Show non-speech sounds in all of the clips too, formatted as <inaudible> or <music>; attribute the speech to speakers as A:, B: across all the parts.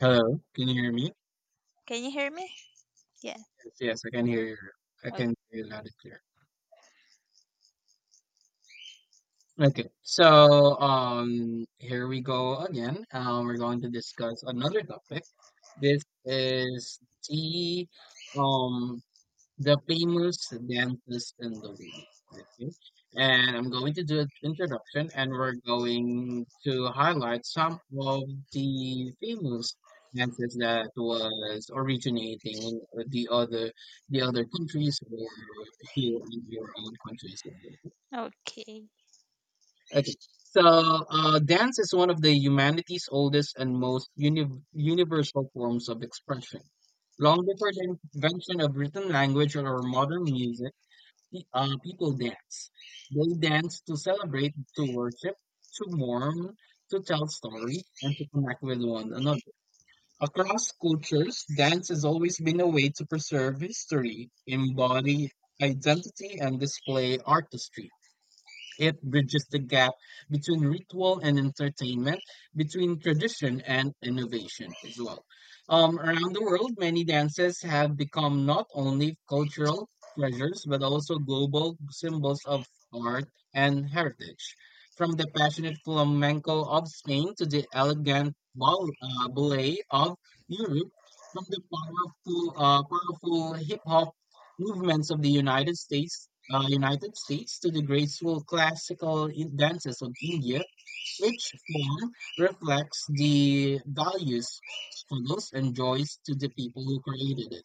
A: Hello, can you hear me?
B: Can you hear me? Yeah.
A: Yes, yes, I can hear you. I
B: o-
A: can hear you loud and clear. Okay, so here we go again. We're going to discuss another topic. This is the um the famous dances in the world. Okay. And I'm going to do an introduction and we're going to highlight some of the famous dances that was originating in the other countries or here in your own country as well.
B: Okay.
A: Okay. So dance is one of the humanity's oldest and most universal forms of expression. Long before the invention of written language or modern music, the people dance. They dance to celebrate, to worship, to mourn, to tell stories, and to connect with one another. Across cultures, dance has always been a way to preserve history, embody identity, and display artistry. It bridges the gap between ritual and entertainment, between tradition and innovation as well. Around the world, many dances have become not only cultural treasures but also global symbols of art and heritage. From the passionate flamenco of Spain to the elegant ballet of Europe, from the powerful hip hop movements of the United States United States to the graceful classical dances of India. Each form reflects the values, struggles, and joys to the people who created it.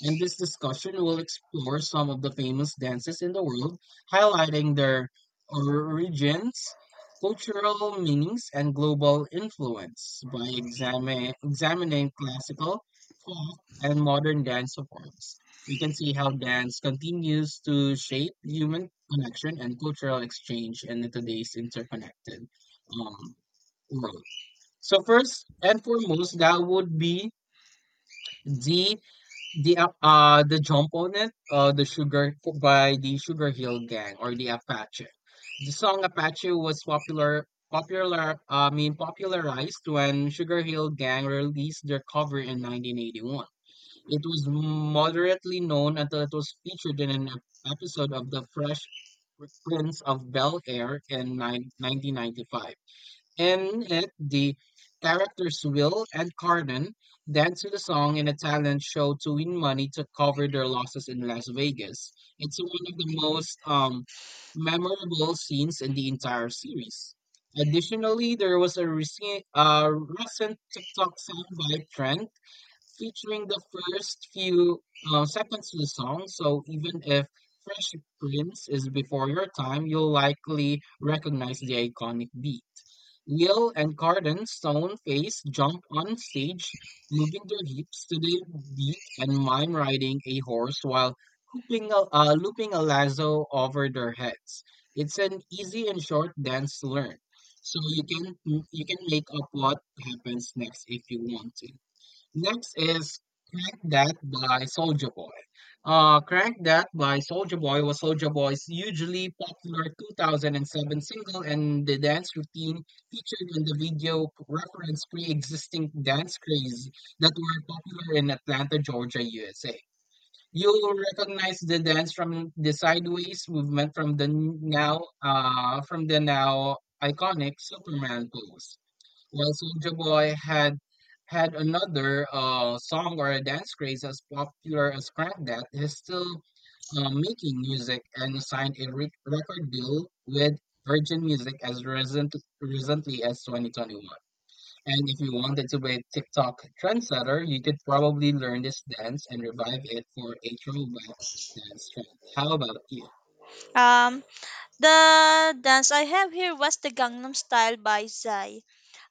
A: In this discussion, we'll explore some of the famous dances in the world, highlighting their origins, cultural meanings, and global influence by examining classical, folk, and modern dance forms. We can see how dance continues to shape human connection and cultural exchange in today's interconnected um, world. So, first and foremost, that would be the the jump on it, the Sugar by the Sugar Hill Gang, or the Apache. The song Apache was popularized when Sugar Hill Gang released their cover in 1981. It was moderately known until it was featured in an episode of The Fresh Prince of Bel Air in 1995. In it, the characters Will and Carden dance to the song in a talent show to win money to cover their losses in Las Vegas. It's one of the most memorable scenes in the entire series. Additionally, there was a recent TikTok soundbite trend featuring the first few seconds of the song. So even if Fresh Prince is before your time, you'll likely recognize the iconic beat. Will and Carden Stone Face jump on stage, moving their hips to the beat and mime riding a horse while looping a lasso over their heads. It's an easy and short dance to learn, so you can make up what happens next if you want to. Next is Crack That by Soulja Boy. Crack That by Soulja Boy was Soulja Boy's hugely popular 2007 single, and the dance routine featured in the video referenced pre-existing dance craze that were popular in Atlanta, Georgia, USA. You'll recognize the dance from the sideways movement from the now iconic Superman pose. While Soulja Boy had another song or a dance craze as popular as Crank That, he's still making music and signed a record deal with Virgin Music as recently as 2021. And if you wanted to be a TikTok trendsetter, you could probably learn this dance and revive it for a throwback dance trend. How about you?
B: Um, the dance I have here was the Gangnam Style by Psy.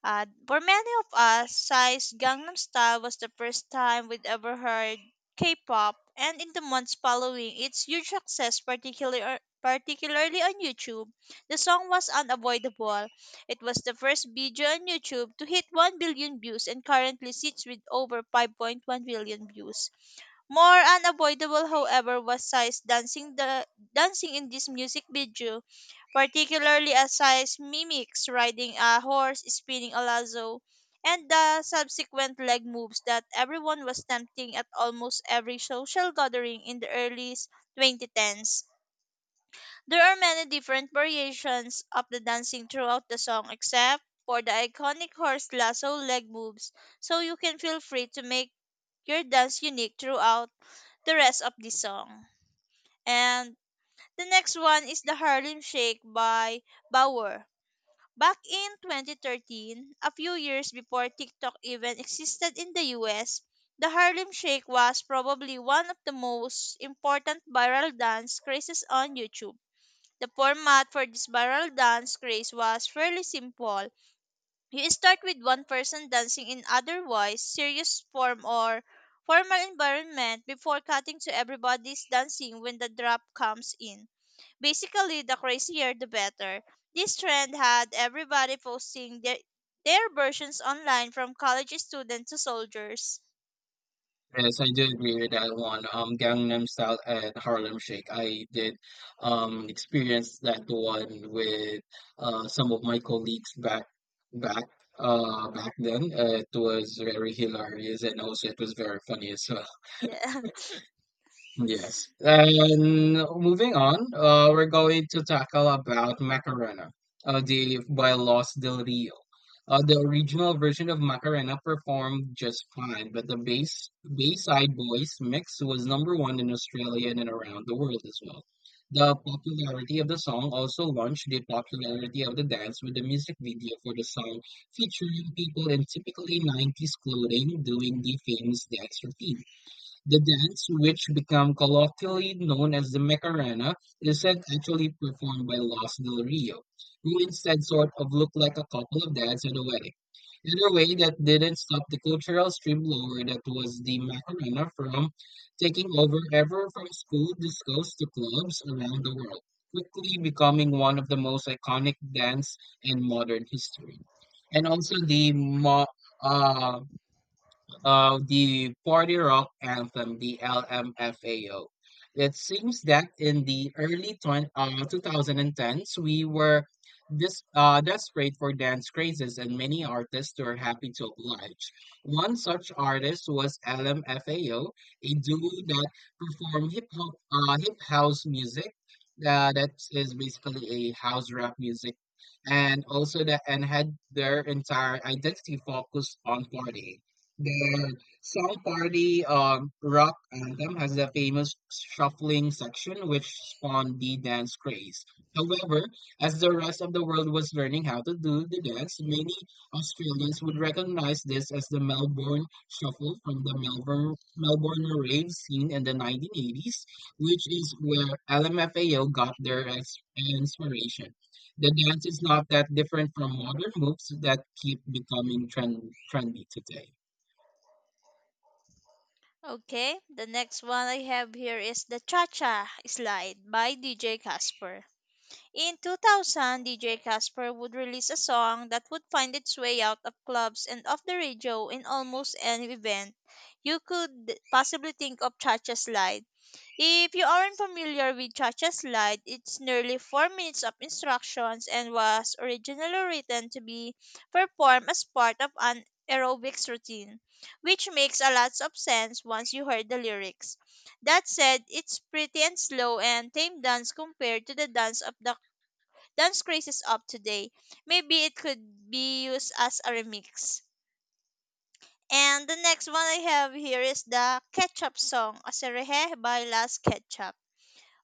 B: For many of us, Psy's Gangnam Style was the first time we'd ever heard K-pop, and in the months following its huge success, particularly on YouTube, the song was unavoidable. It was the first video on YouTube to hit 1 billion views and currently sits with over 5.1 billion views. More unavoidable, however, was Psy's dancing in this music video, particularly as Psy mimics riding a horse, spinning a lasso, and the subsequent leg moves that everyone was tempting at almost every social gathering in the early 2010s. There are many different variations of the dancing throughout the song, except for the iconic horse lasso leg moves, so you can feel free to make your dance unique throughout the rest of the song. And the next one is the Harlem Shake by Bauer. Back in 2013, a few years before TikTok even existed in the US, the Harlem Shake was probably one of the most important viral dance crazes on YouTube. The format for this viral dance craze was fairly simple. You start with one person dancing in otherwise serious form or formal environment before cutting to everybody's dancing when the drop comes in. Basically, the crazier the better. This trend had everybody posting their versions online from college students to soldiers.
A: Yes, I do agree with that one. Gangnam Style and Harlem Shake. I did experience that one with some of my colleagues back back then. It was very hilarious and also it was very funny. So
B: Yeah. <laughs>
A: yes. And moving on, we're going to tackle about Macarena, the by Los Del Rio. The original version of Macarena performed just fine, but the bass Bayside Boys mix was number one in Australia and around the world as well. The popularity of the song also launched the popularity of the dance, with the music video for the song featuring people in typically 90s clothing doing the famous dance routine. The dance, which became colloquially known as the Macarena, isn't actually performed by Los Del Rio, who instead sort of looked like a couple of dads at a wedding. In a way that didn't stop the cultural streamlore that was the Macarena from taking over ever from school discos to clubs around the world, quickly becoming one of the most iconic dance in modern history. And also uh, of the party rock anthem, the LMFAO. It seems that in the early 2010s, we were dis desperate for dance crazes, and many artists were happy to oblige. One such artist was LMFAO, a duo that performed hip house music. That is basically a house rap music and also that and had their entire identity focused on partying. Their South Party rock anthem has the famous shuffling section, which spawned the dance craze. However, as the rest of the world was learning how to do the dance, many Australians would recognize this as the Melbourne Shuffle from the Melbourne rave scene in the 1980s, which is where LMFAO got their inspiration. The dance is not that different from modern moves that keep becoming trendy today.
B: Okay, the next one I have here is the Cha Cha Slide by DJ Casper. In 2000, DJ Casper would release a song that would find its way out of clubs and off the radio in almost any event you could possibly think of Cha-Cha Slide. If you aren't familiar with Cha-Cha Slide, it's nearly 4 minutes of instructions and was originally written to be performed as part of an aerobics routine, which makes a lot of sense once you heard the lyrics. That said, it's pretty and slow and tame dance compared to the dance of the dance craze is up today. Maybe it could be used as a remix. And the next one I have here is the Ketchup song, Aserehe by Las Ketchup.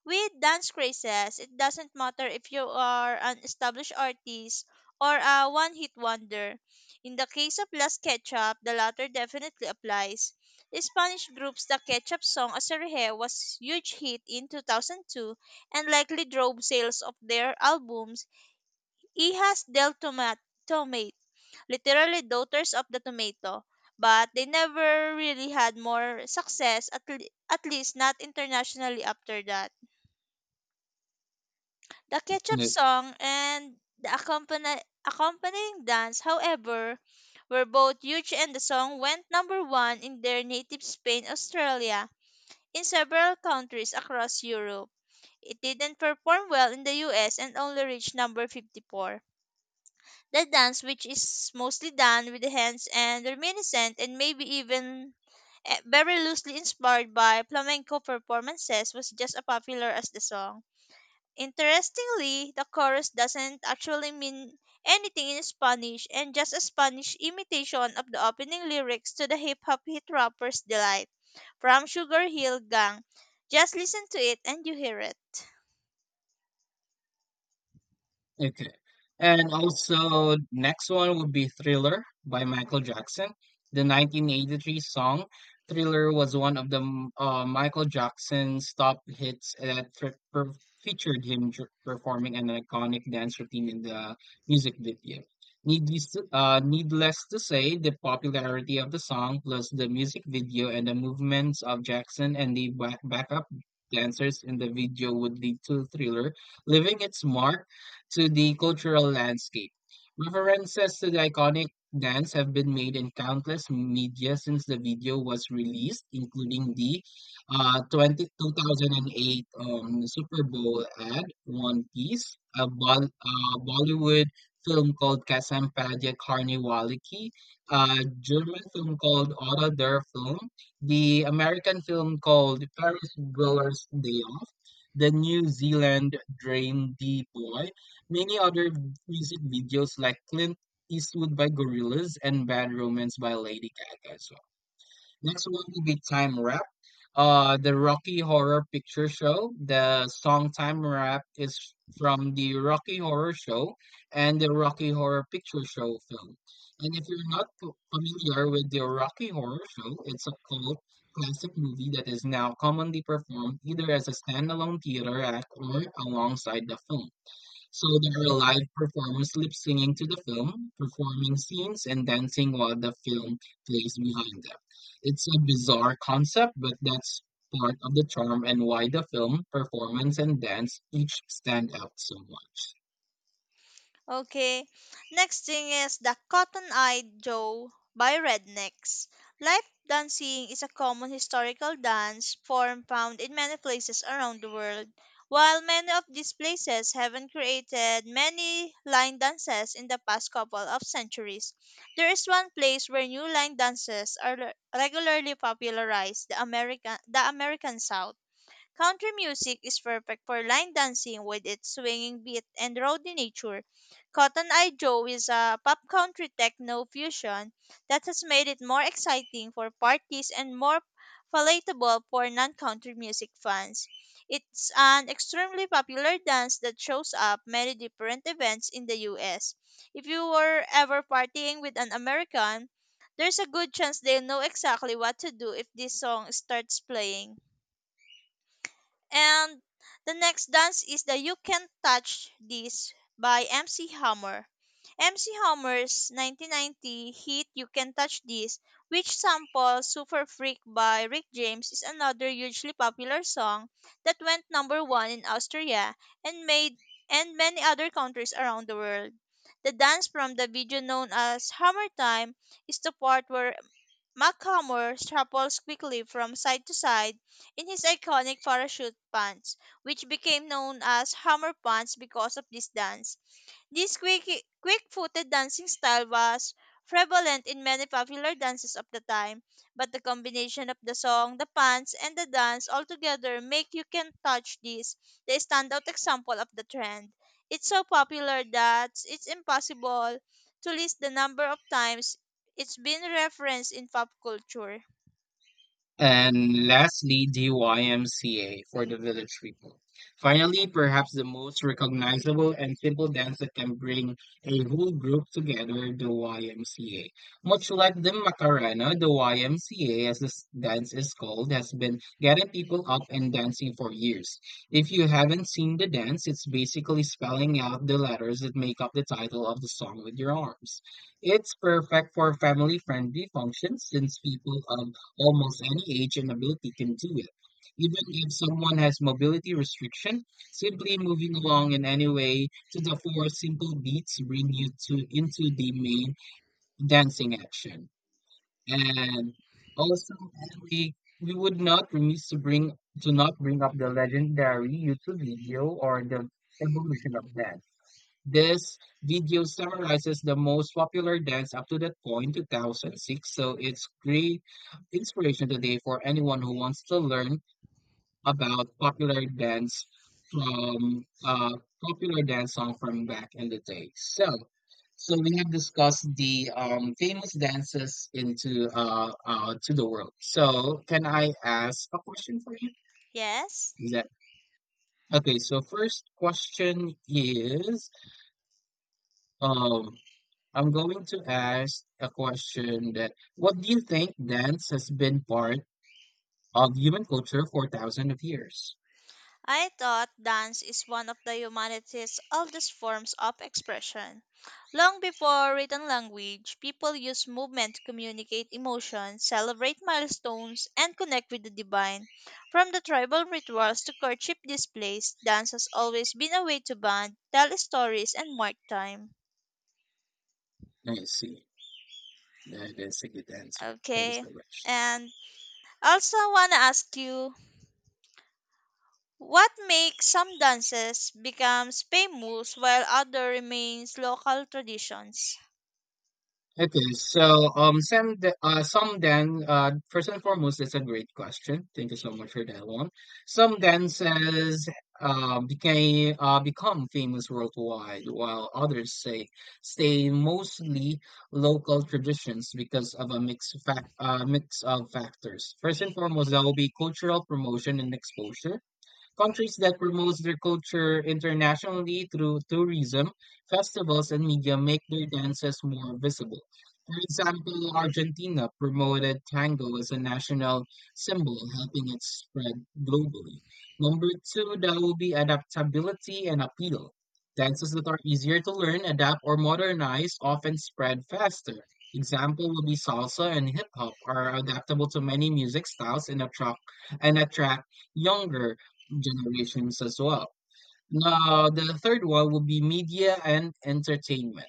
B: With dance crazes, it doesn't matter if you are an established artist or a one-hit wonder. In the case of Las Ketchup, the latter definitely applies. The Spanish group's The Ketchup song, Aserehe, was huge hit in 2002 and likely drove sales of their albums he has del tomate, literally daughters of the tomato, but they never really had more success, at least not internationally after that. The ketchup
A: Yeah,
B: song and the accompanying dance, however, were both huge and the song went number one in their native Spain, Australia, in several countries across Europe. It didn't perform well in the US and only reached number 54. The dance, which is mostly done with the hands and reminiscent and maybe even very loosely inspired by flamenco performances, was just as popular as the song. Interestingly, the chorus doesn't actually mean anything in Spanish and just a Spanish imitation of the opening lyrics to the hip hop hit rapper's delight from Sugar Hill Gang. Just listen to it and you hear it.
A: okay. And also, next one would be Thriller by Michael Jackson. The 1983 song Thriller was one of Michael Jackson's top hits that featured him performing an iconic dance routine in the music video. Needless to say, the popularity of the song, plus the music video and the movements of Jackson and the backup dancers in the video, would lead to Thriller leaving its mark to the cultural landscape. References to the iconic dance have been made in countless media since the video was released, including the 2008 Super Bowl ad One Piece, a Bollywood film called Kasampadia Karnivaliki, a German film called Otto der Film, the American film called Paris Goers Day Off, the New Zealand Dream D Boy. Many other music videos like Clint Eastwood by Gorillaz and Bad Romance by Lady Gaga as well. Next one will be Time Rap. The Rocky Horror Picture Show. The song Time Rap is from the Rocky Horror Show and the Rocky Horror Picture Show film. And if you're not familiar with the Rocky Horror Show, it's a cult classic movie that is now commonly performed either as a standalone theater act or alongside the film. So there were live performers lip singing to the film, performing scenes, and dancing while the film plays behind them. It's a bizarre concept, but that's part of the charm and why the film, performance, and dance each stand out so much.
B: Okay. Next thing is the Cotton Eye Joe by Rednecks. Life dancing is a common historical dance form found in many places around the world. While many of these places haven't created many line dances in the past couple of centuries, there is one place where new line dances are regularly popularized, the American South. Country music is perfect for line dancing with its swinging beat and rowdy nature. Cotton Eye Joe is a pop country techno fusion that has made it more exciting for parties and more palatable for non-country music fans. It's an extremely popular dance that shows up many different events in the US. If you were ever partying with an American, there's a good chance they'll know exactly what to do if this song starts playing. And the next dance is the You Can Touch This by MC Hammer. MC Hammer's 1990 hit You Can Touch This, which samples Super Freak by Rick James, is another hugely popular song that went number one in Austria and made and many other countries around the world. The dance from the video known as Hammer Time is the part where McComber shuffles quickly from side to side in his iconic parachute pants, which became known as hammer pants because of this dance. This quick-footed dancing style was prevalent in many popular dances of the time, but the combination of the song, the pants, and the dance all together make You Can Touch This the standout example of the trend. It's so popular that it's impossible to list the number of times it's been referenced in pop culture.
A: And lastly, DYMCA for the village people. Finally, perhaps the most recognizable and simple dance that can bring a whole group together, the YMCA. Much like the Macarena, the YMCA, as this dance is called, has been getting people up and dancing for years. If you haven't seen the dance, it's basically spelling out the letters that make up the title of the song with your arms. It's perfect for family friendly functions since people of almost any age and ability can do it. Even if someone has mobility restriction, simply moving along in any way to the four simple beats bring you to into the main dancing action. And also, we would not remiss to bring to not bring up the legendary YouTube video or the evolution of dance. This video summarizes the most popular dance up to that point, 2006. So it's great inspiration today for anyone who wants to learn about popular dance from popular dance song from back in the day. So we have discussed the famous dances into to the world. So, can I ask a question for you?
B: Yes?
A: Is that okay? So, first question is. Um, I'm going to ask a question that what do you think dance has been part of human culture for thousands of years?
B: I thought dance is one of the humanity's oldest forms of expression. Long before written language, people used movement to communicate emotions, celebrate milestones, and connect with the divine. From the tribal rituals to courtship displays, dance has always been a way to bond, tell stories, and mark time.
A: I see. That is a good answer. Thank you
B: Okay,
A: so much.
B: and also want to ask you what makes some dances become famous while other remains local traditions?
A: Okay, so Sam, first and foremost, that's a great question. Thank you so much for that one. Some dances became become famous worldwide, while others say stay mostly local traditions because of a mix of factors. First and foremost, that will be cultural promotion and exposure. Countries that promote their culture internationally through tourism, festivals, and media make their dances more visible. For example, Argentina promoted tango as a national symbol, helping it spread globally. Number two, that will be adaptability and appeal. Dances that are easier to learn, adapt, or modernize often spread faster. Example will be salsa and hip hop are adaptable to many music styles and attract younger generations as well. Now, the third one would be media and entertainment.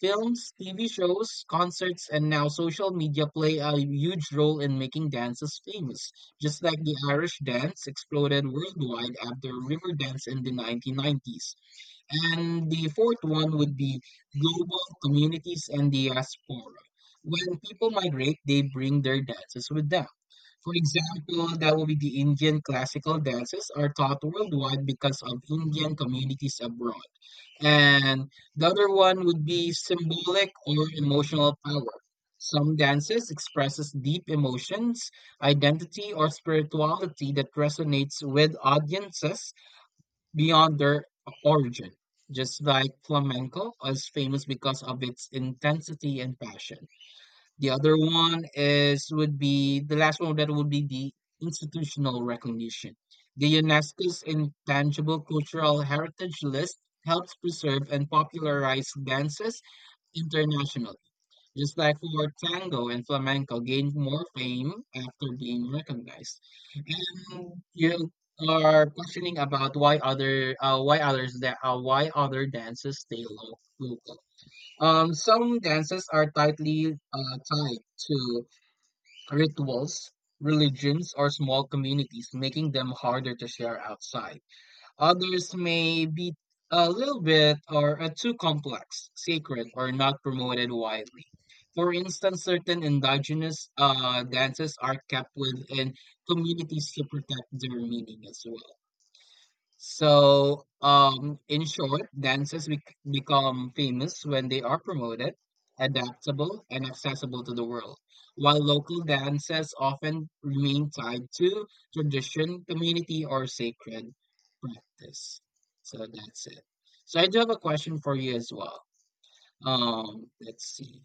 A: Films, TV shows, concerts, and now social media play a huge role in making dances famous, just like the Irish dance exploded worldwide after Riverdance in the 1990s. And the fourth one would be global communities and diaspora. When people migrate, they bring their dances with them. For example, that will be the Indian classical dances are taught worldwide because of Indian communities abroad. And the other one would be symbolic or emotional power. Some dances expresses deep emotions, identity, or spirituality that resonates with audiences beyond their origin. Just like flamenco is famous because of its intensity and passion. The other one is would be the last one that would be the institutional recognition. The UNESCO's intangible cultural heritage list helps preserve and popularize dances internationally. Just like for tango and flamenco gained more fame after being recognized. And you are questioning about why other why others that why other dances stay local. Some dances are tightly tied to rituals, religions, or small communities, making them harder to share outside. Others may be a little bit or too complex, sacred, or not promoted widely. For instance, certain indigenous dances are kept within communities to protect their meaning as well. So, in short, dances become famous when they are promoted, adaptable, and accessible to the world, while local dances often remain tied to tradition, community, or sacred practice. So that's it. So I do have a question for you as well. Let's see.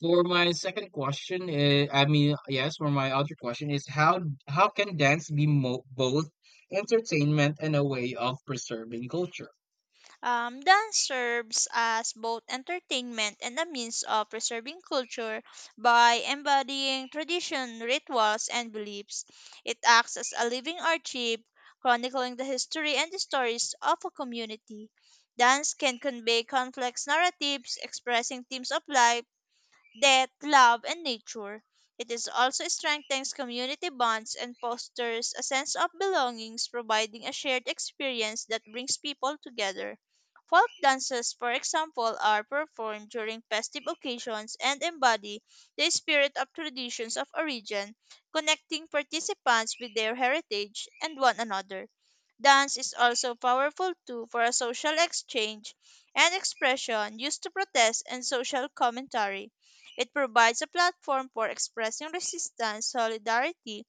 A: For my second question, yes, for my other question is how can dance be mo both entertainment and a way of preserving culture?
B: Dance serves as both entertainment and a means of preserving culture by embodying tradition, rituals, and beliefs. It acts as a living archive, chronicling the history and the stories of a community. Dance can convey complex narratives, expressing themes of life death, love, and nature. It is also strengthens community bonds and fosters a sense of belongings, providing a shared experience that brings people together. Folk dances, for example, are performed during festive occasions and embody the spirit of traditions of origin, connecting participants with their heritage and one another. Dance is also powerful too for a social exchange and expression used to protest and social commentary. It provides a platform for expressing resistance, solidarity,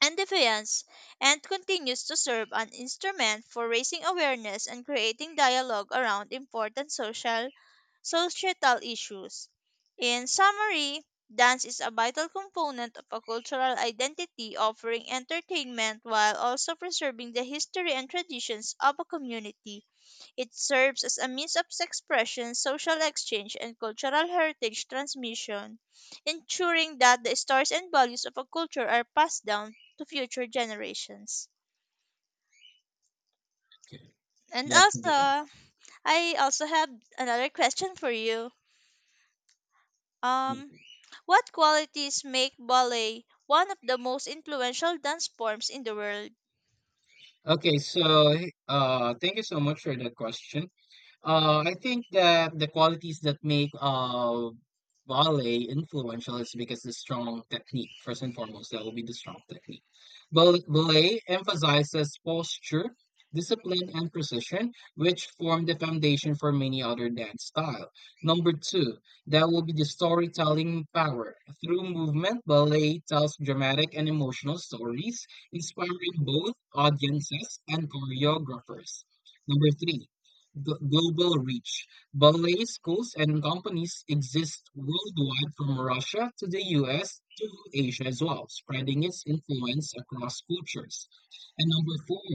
B: and defiance, and continues to serve an instrument for raising awareness and creating dialogue around important social societal issues. In summary, dance is a vital component of a cultural identity, offering entertainment while also preserving the history and traditions of a community. It serves as a means of expression, social exchange, and cultural heritage transmission, ensuring that the stories and values of a culture are passed down to future generations.
A: Okay,
B: And
A: that's
B: also,
A: good.
B: I also have another question for you. Um,
A: Mhm.
B: what qualities make ballet one of the most influential dance forms in the world?
A: Okay, so thank you so much for that question. I think that the qualities that make ballet influential is because the strong technique. First and foremost, that will be the strong technique. Ballet emphasizes posture, discipline, and precision, which form the foundation for many other dance style. Number two, that will be the storytelling power. Through movement, ballet tells dramatic and emotional stories, inspiring both audiences and choreographers. Number three global reach. Ballet schools and companies exist worldwide from Russia to the US to Asia as well, spreading its influence across cultures. And number four,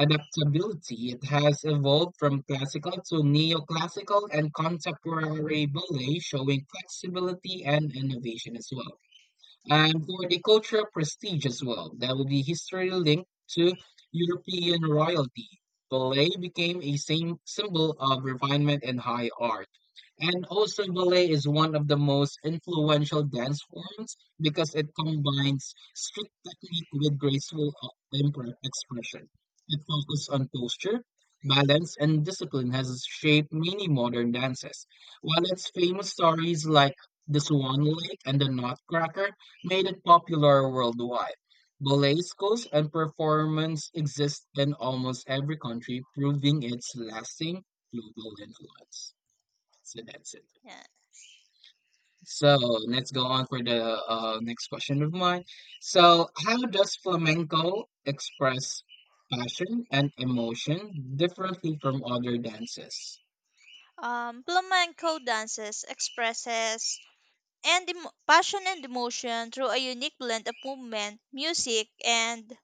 A: adaptability. It has evolved from classical to neoclassical and contemporary ballet, showing flexibility and innovation as well. And for the cultural prestige as well, that would be history linked to European royalty. Ballet became a same symbol of refinement and high art. And also, ballet is one of the most influential dance forms because it combines strict technique with graceful expression. It focuses on posture, balance, and discipline has shaped many modern dances. While its famous stories like the Swan Lake and the Nutcracker made it popular worldwide. Ballet schools and performance exist in almost every country, proving its lasting global influence. So that's it.
B: Yeah.
A: So let's go on for the next question of mine. So, how does flamenco express passion and emotion differently from other dances?
B: Flamenco dances expresses passion and emotion through a unique blend of movement, music, and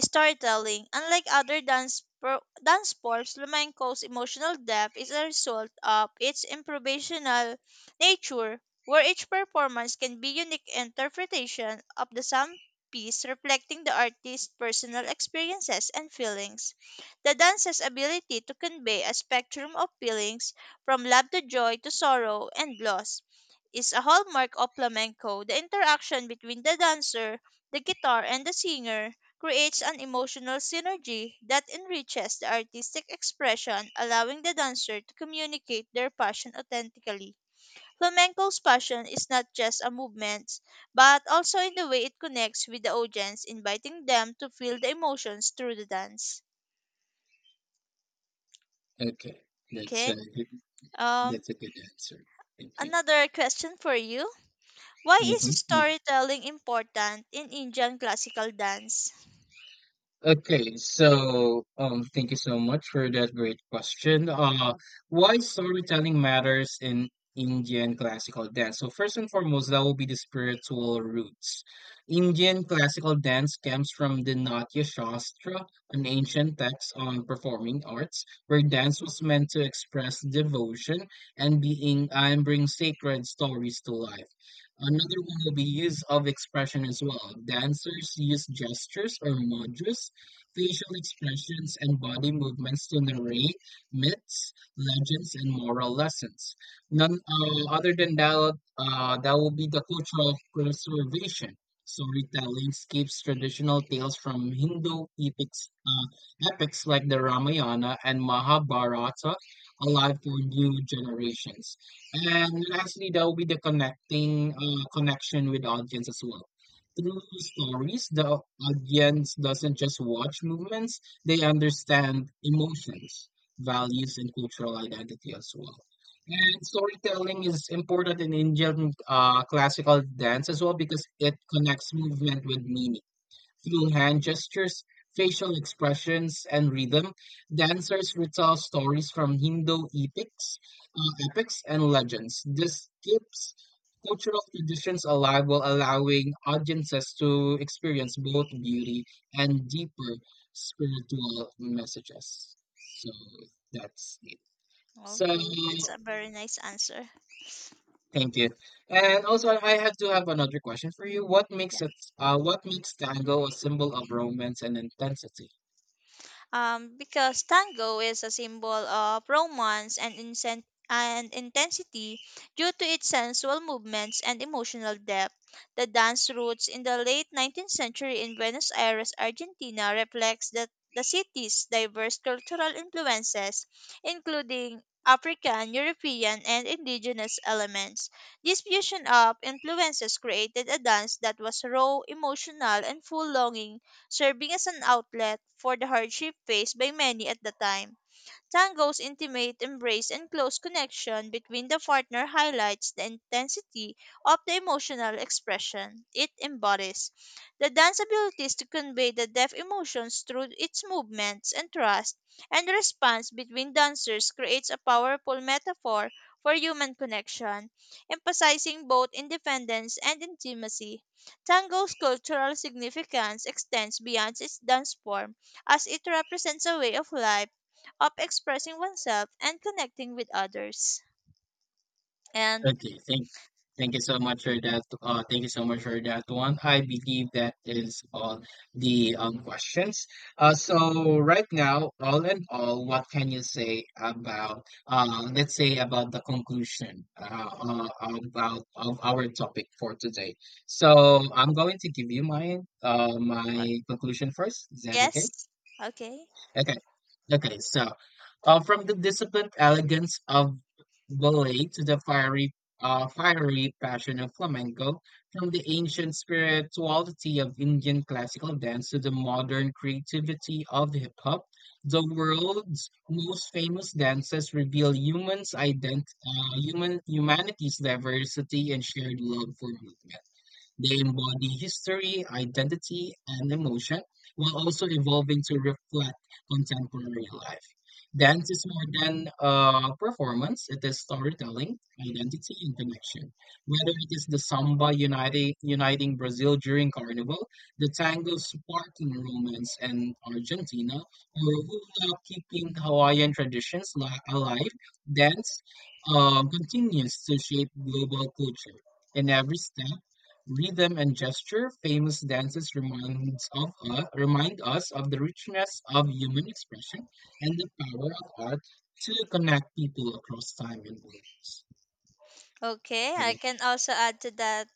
B: storytelling. Unlike other dance forms, flamenco's emotional depth is a result of its improvisational nature, where each performance can be unique interpretation of the same piece reflecting the artist's personal experiences and feelings. The dancer's ability to convey a spectrum of feelings from love to joy to sorrow and loss is a hallmark of flamenco. The interaction between the dancer, the guitar, and the singer creates an emotional synergy that enriches the artistic expression, allowing the dancer to communicate their passion authentically. Flamenco's passion is not just a movement, but also in the way it connects with the audience, inviting them to feel the emotions through the dance.
A: Okay, that's a
B: Okay,
A: good-
B: um,
A: that's a good answer. Thank you.
B: another question for you. Why is
A: Hmm.
B: storytelling important in Indian classical dance?
A: Okay, so thank you so much for that great question. Why storytelling matters in Indian classical dance? So first and foremost, that will be the spiritual roots. Indian classical dance comes from the Natya Shastra, an ancient text on performing arts, where dance was meant to express devotion and bring sacred stories to life. Another one will be use of expression as well. Dancers use gestures or mudras facial expressions, and body movements to narrate myths, legends, and moral lessons. None Other than that, that will be the cultural preservation. Storytelling keeps traditional tales from Hindu epics like the Ramayana and Mahabharata alive for new generations. And lastly, that will be the connecting connection with audience as well. Through stories, the audience doesn't just watch movements, they understand emotions, values, and cultural identity as well. And storytelling is important in Indian classical dance as well because it connects movement with meaning. Through hand gestures, facial expressions, and rhythm, dancers retell stories from epics and legends. This keeps cultural traditions alive while allowing audiences to experience both beauty and deeper spiritual messages. So that's it. So
B: Okay, that's a very nice answer.
A: thank you. And also, I had to have another question for you. What makes it? What makes tango a symbol of romance and intensity?
B: Because tango is a symbol of romance and intensity due to its sensual movements and emotional depth. The dance roots in the late 19th century in Buenos Aires, Argentina, reflects the city's diverse cultural influences, including African, European, and indigenous elements. This fusion of influences created a dance that was raw, emotional, and full longing serving as an outlet for the hardship faced by many at the time. Tango's intimate embrace and close connection between the partner highlights the intensity of the emotional expression it embodies. The dance abilities to convey the depth emotions through its movements and thrust and the response between dancers creates a powerful metaphor for human connection, emphasizing both independence and intimacy. Tango's cultural significance extends beyond its dance form as it represents a way of life of expressing oneself and connecting with others. And
A: Okay, thank you so much for that. Thank you so much for that one. I believe that is all the questions. So right now, all in all, what can you say about let's say about the conclusion about of our topic for today? So I'm going to give you my uh
B: uh,
A: my conclusion first. Is that okay?
B: yes, okay.
A: Okay. Okay. So, from the disciplined elegance of ballet to the fiery passion of flamenco, from the ancient spirituality of Indian classical dance to the modern creativity of hip hop, the world's most famous dances reveal humans' ident- human humanity's diversity and shared love for movement. They embody history, identity, and emotion, while also evolving to reflect contemporary life. Dance is more than performance, it is storytelling, identity, and connection. Whether it is the samba uniting Brazil during carnival, the tango sparking romance in Argentina, or hula keeping Hawaiian traditions alive, dance continues to shape global culture. In every step, rhythm and gesture, famous dances remind us of the richness of human expression and the power of art to connect people across time and borders.
B: Okay,
A: How
B: I
A: about-
B: can also add to that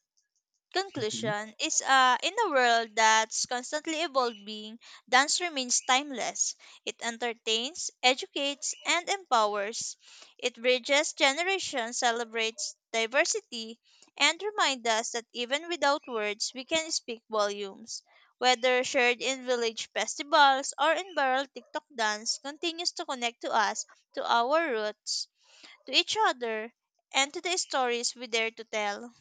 A: Mhm.
B: conclusion is, in a world that's constantly evolving, dance remains timeless. It entertains, educates, and empowers. It bridges generations, celebrates diversity, and reminds us that even without words, we can speak volumes. Whether shared in village festivals or in viral TikTok dance, continues to connect to us, to our roots, to each other, and to the stories we dare to tell.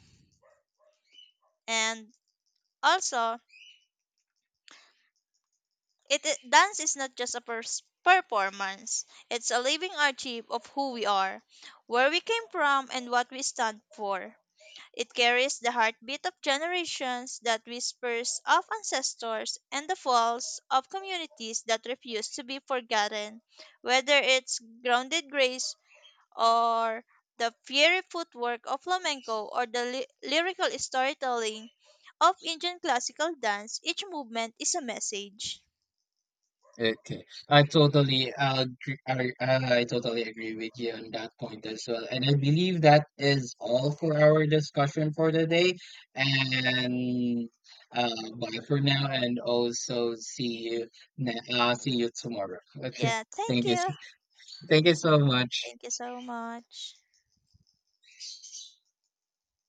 B: And also, it dance is not just a performance. It's a living archive of who we are, where we came from, and what we stand for. It carries the heartbeat of generations, that whispers of ancestors, and the falls of communities that refuse to be forgotten. Whether it's grounded grace or the fiery footwork of flamenco or the lyrical storytelling of Indian classical dance, each movement is a message.
A: Okay, I totally agree. I totally agree with you on that point as well. And I believe that is all for our discussion for today. And bye for now. And also see you see you tomorrow. Okay,
B: Yeah, thank
A: thank you.
B: you.
A: Thank you so much.
B: Thank you so much.